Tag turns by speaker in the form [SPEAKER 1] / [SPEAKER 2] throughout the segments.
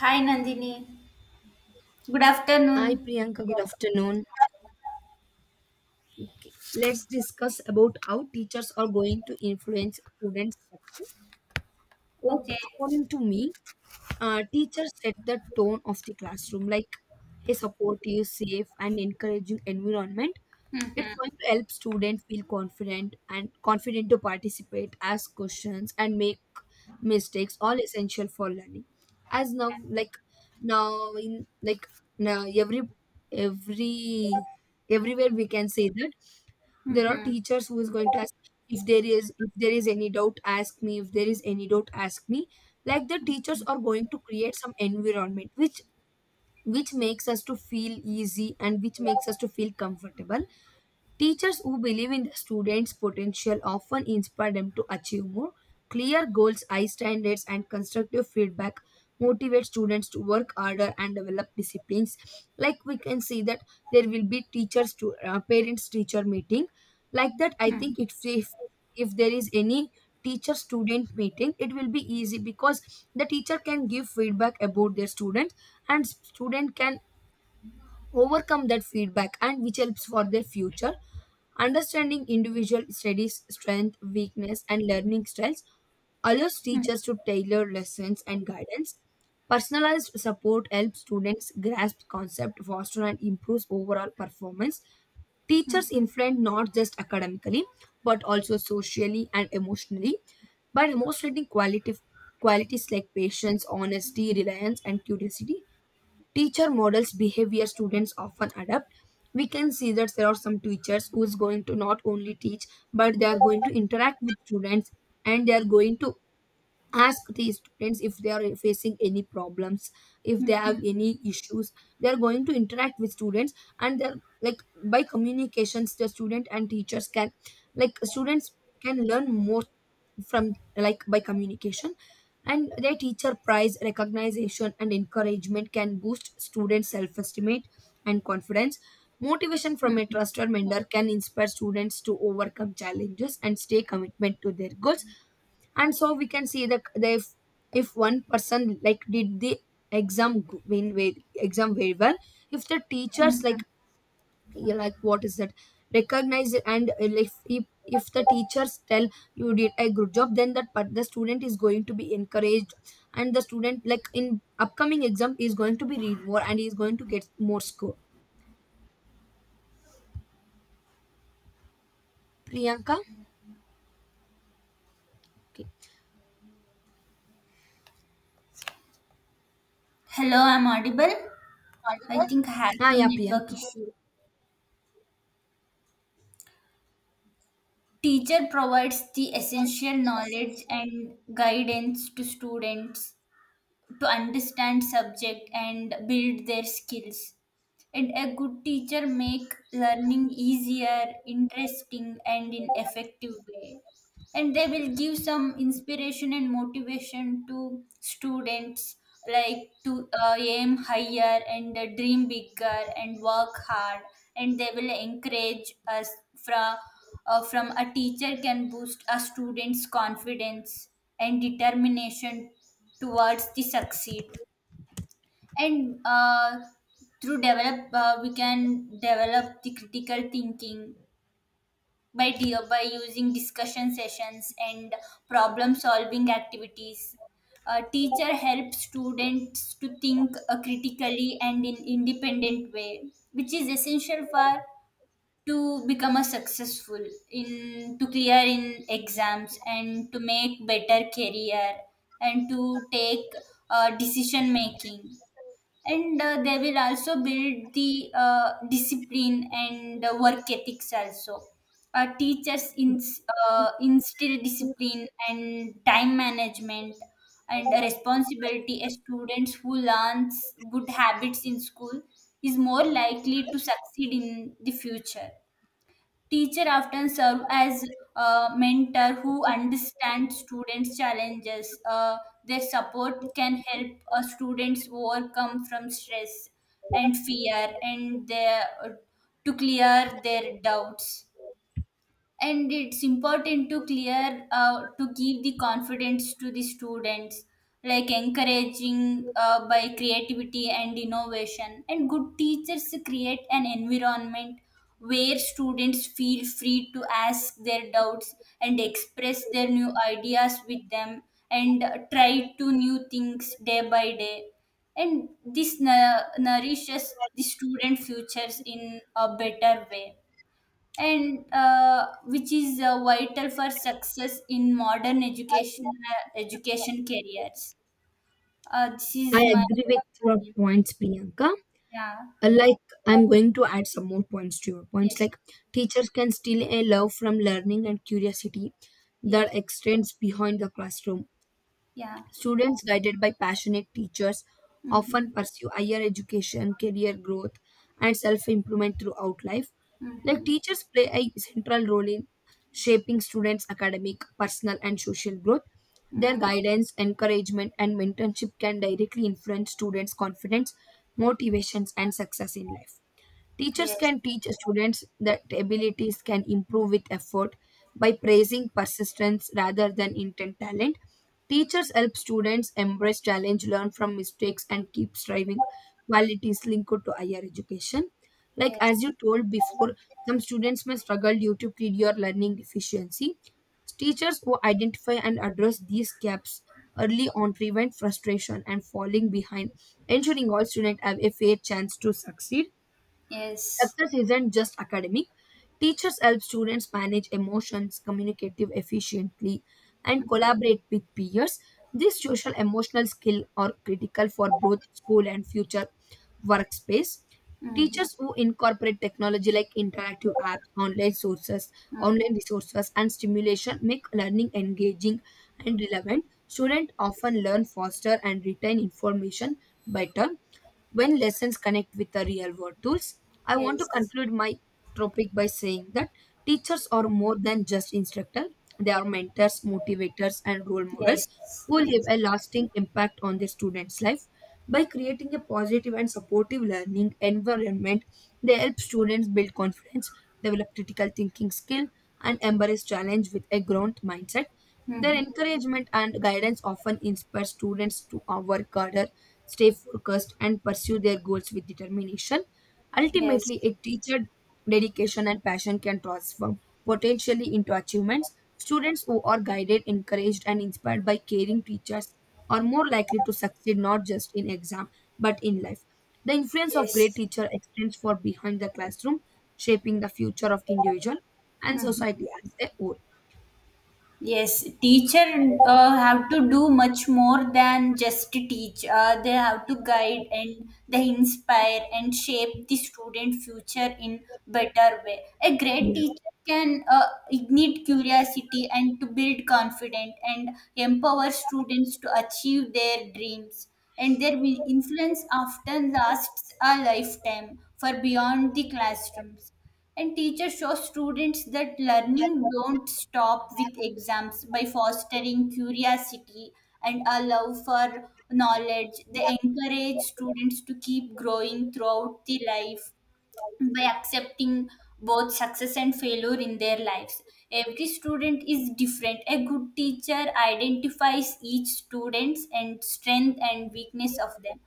[SPEAKER 1] Hi Nandini. Good
[SPEAKER 2] Hi
[SPEAKER 1] afternoon.
[SPEAKER 2] Priyanka, good
[SPEAKER 1] Yeah.
[SPEAKER 2] afternoon. Okay, let's discuss about how teachers are going to influence students' success. Like,
[SPEAKER 1] Okay.
[SPEAKER 2] according to me, teachers set the tone of the classroom, like a supportive, safe, and encouraging environment. It's
[SPEAKER 1] Mhm,
[SPEAKER 2] going to help students feel confident and confident to participate, ask questions, and make mistakes, all essential for learning. As now, like now in like now every everywhere we can say that there are
[SPEAKER 1] mhm,
[SPEAKER 2] teachers who is going to ask if there is any doubt ask me if there is any doubt ask me, like the teachers are going to create some environment which makes us to feel easy and which makes us to feel comfortable. Teachers who believe in the students' potential often inspire them to achieve more. Clear goals, high standards, and constructive feedback motivate students to work harder and develop disciplines. Like we can see that there will be teachers to parents teacher meeting. Like that, I
[SPEAKER 1] mhm,
[SPEAKER 2] think if there is any teacher student meeting, it will be easy because the teacher can give feedback about their student and student can overcome that feedback and which helps for their future. Understanding individual studies, strength, weakness, and learning styles allows
[SPEAKER 1] mhm,
[SPEAKER 2] teachers to tailor lessons and guidance. Personalized support helps students grasp concepts, faster and improves overall performance. Teachers
[SPEAKER 1] mhm,
[SPEAKER 2] influence not just academically but also socially and emotionally by demonstrating quality qualities like patience, honesty, reliance, and curiosity. Teacher models behavior students often adapt. We can see that there are some teachers who is going to not only teach but they are going to interact with students and they are going to ask the students if they are facing any problems, if they have
[SPEAKER 1] mhm,
[SPEAKER 2] any issues, they are going to interact with students and they're like by communications the student and teachers can, like, students can learn more from, like, by communication. And their teacher prize recognition and encouragement can boost student self-estimate and confidence. Motivation from a trusted mentor can inspire students to overcome challenges and stay commitment to their goals. And so we can see that they, if one person like did the exam g- win way exam very well, if the teachers like
[SPEAKER 1] mhm.
[SPEAKER 2] you like what is that recognize it and if the teachers tell you did a good job then that but the student is going to be encouraged and the student like in upcoming exam is going to be read more and is going to get more score. Priyanka, okay.
[SPEAKER 1] Hello, I'm audible. I think I have
[SPEAKER 2] Ah,
[SPEAKER 1] some
[SPEAKER 2] yeah,
[SPEAKER 1] network
[SPEAKER 2] Priyanka,
[SPEAKER 1] issue. Teacher provides the essential knowledge and guidance to students to understand subject and build their skills. And a good teacher make learning easier, interesting, and in effective way. And they will give some inspiration and motivation to students, like to aim higher and dream bigger and work hard, and they will encourage us from from a teacher can boost a student's confidence and determination towards the succeed. And through develop we can develop the critical thinking by dear by using discussion sessions and problem solving activities. A teacher helps students to think critically and in independent way, which is essential for to become a successful in to clear in exams and to make better career and to take decision making. And they will also build the discipline and work ethics also. Uh, teachers instill discipline and time management and responsibility. A student who learns good habits in school is more likely to succeed in the future. Teacher often serve as a mentor who understands students' challenges. Their support can help students overcome from stress and fear, and their, to clear their doubts. And it's important to clear to give the confidence to the students, like encouraging by creativity and innovation. And good teachers create an environment where students feel free to ask their doubts and express their new ideas with them and try to new things day by day, and this nourishes the student futures in a better way, and which is vital for success in modern education education careers. This
[SPEAKER 2] I
[SPEAKER 1] is my.
[SPEAKER 2] agree with your points, Priyanka.
[SPEAKER 1] Yeah.
[SPEAKER 2] Like, I'm going to add some more points to your points,
[SPEAKER 1] Yes.
[SPEAKER 2] like teachers can steal a love from learning and curiosity that
[SPEAKER 1] Yes.
[SPEAKER 2] extends behind the classroom.
[SPEAKER 1] Yeah.
[SPEAKER 2] Students guided by passionate teachers often
[SPEAKER 1] Mm-hmm,
[SPEAKER 2] pursue higher education, career growth, and self improvement throughout life. Like,
[SPEAKER 1] mm-hmm,
[SPEAKER 2] teachers play a central role in shaping students' academic, personal, and social growth. Their
[SPEAKER 1] mm,
[SPEAKER 2] guidance, encouragement, and mentorship can directly influence students' confidence, motivations, and success in life. Teachers
[SPEAKER 1] yes,
[SPEAKER 2] can teach students that abilities can improve with effort by praising persistence rather than intent talent. Teachers help students embrace challenge, learn from mistakes, and keep striving, qualities linked to higher education. Like as
[SPEAKER 1] yes,
[SPEAKER 2] you told before, some students may struggle due to period or learning deficiency. Teachers who identify and address these gaps early on prevent frustration and falling behind, ensuring all students have a fair chance to succeed.
[SPEAKER 1] yes,
[SPEAKER 2] Success isn't just academic. Teachers help students manage emotions, communicate efficiently, and collaborate with peers. These social emotional skills are critical for both school and future workspace.
[SPEAKER 1] mm-hmm,
[SPEAKER 2] Teachers who incorporate technology like interactive apps, online sources,
[SPEAKER 1] mm,
[SPEAKER 2] online resources, and stimulation make learning engaging and relevant. Students often learn faster and retain information better when lessons connect with the real world tools. I want to
[SPEAKER 1] yes,
[SPEAKER 2] conclude my topic by saying that teachers are more than just instructors, they are mentors, motivators, and role models
[SPEAKER 1] yes,
[SPEAKER 2] who leave
[SPEAKER 1] yes,
[SPEAKER 2] a lasting impact on their students' life. By creating a positive and supportive learning environment, they help students build confidence, develop critical thinking skill, and embrace challenge with a growth mindset. Their
[SPEAKER 1] mm-hmm,
[SPEAKER 2] encouragement and guidance often inspire students to work harder, stay focused, and pursue their goals with determination.
[SPEAKER 1] yes,
[SPEAKER 2] Ultimately, a teacher dedication and passion can transform potentially into achievements. Students who are guided, encouraged, and inspired by caring teachers are more likely to succeed not just in exam but in life. The influence of great
[SPEAKER 1] yes,
[SPEAKER 2] teacher extends far behind the classroom, shaping the future of individual and
[SPEAKER 1] mm-hmm.
[SPEAKER 2] society as a whole.
[SPEAKER 1] Yes, teacher have to do much more than just teach. They have to guide and they inspire and shape the student future in better way. A great teacher can ignite curiosity and to build confidence and empower students to achieve their dreams. And their influence often lasts a lifetime for beyond the classrooms. And teachers show students that learning don't stop with exams by fostering curiosity and a love for knowledge. They encourage students to keep growing throughout the life by accepting both success and failure in their lives. Every student is different. A good teacher identifies each student's and strength and weakness of them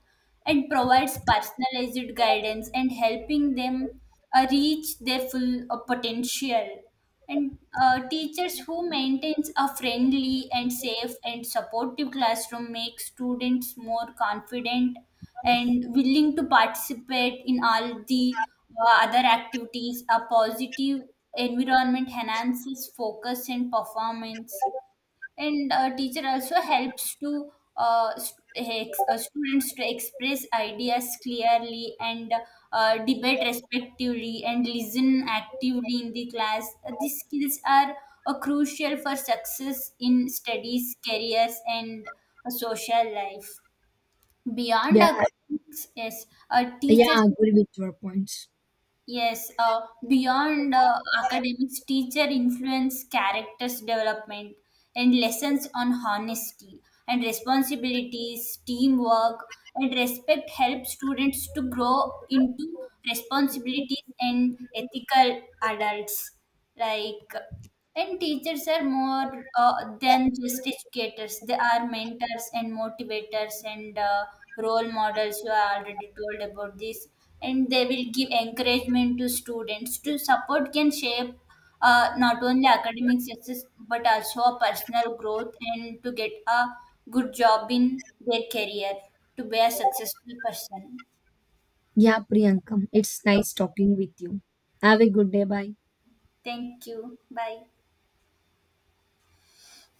[SPEAKER 1] and provides personalized guidance and helping them reach their full potential. And teachers who maintains a friendly and safe and supportive classroom make students more confident and willing to participate in all the other activities. A positive environment enhances focus and performance. And teacher also helps to students to express ideas clearly and debate respectively and listen actively in the class. These skills are crucial for success in studies careers and social life beyond
[SPEAKER 2] Yeah,
[SPEAKER 1] academics. Yes, a
[SPEAKER 2] yeah,
[SPEAKER 1] teacher.
[SPEAKER 2] I agree with your points.
[SPEAKER 1] Yes, beyond academics, teacher influence characters development and lessons on honesty and responsibilities, teamwork, and respect help students to grow into responsibilities and ethical adults, like. And teachers are more than just educators. They are mentors and motivators and role models. You are already told about this, and they will give encouragement to students to support can shape not only academic success but also a personal growth and to get a good job in their career to be a successful person.
[SPEAKER 2] Yeah, Priyankam, it's
[SPEAKER 1] Yep.
[SPEAKER 2] nice talking with you. Have a good day. Bye.
[SPEAKER 1] Thank you, bye.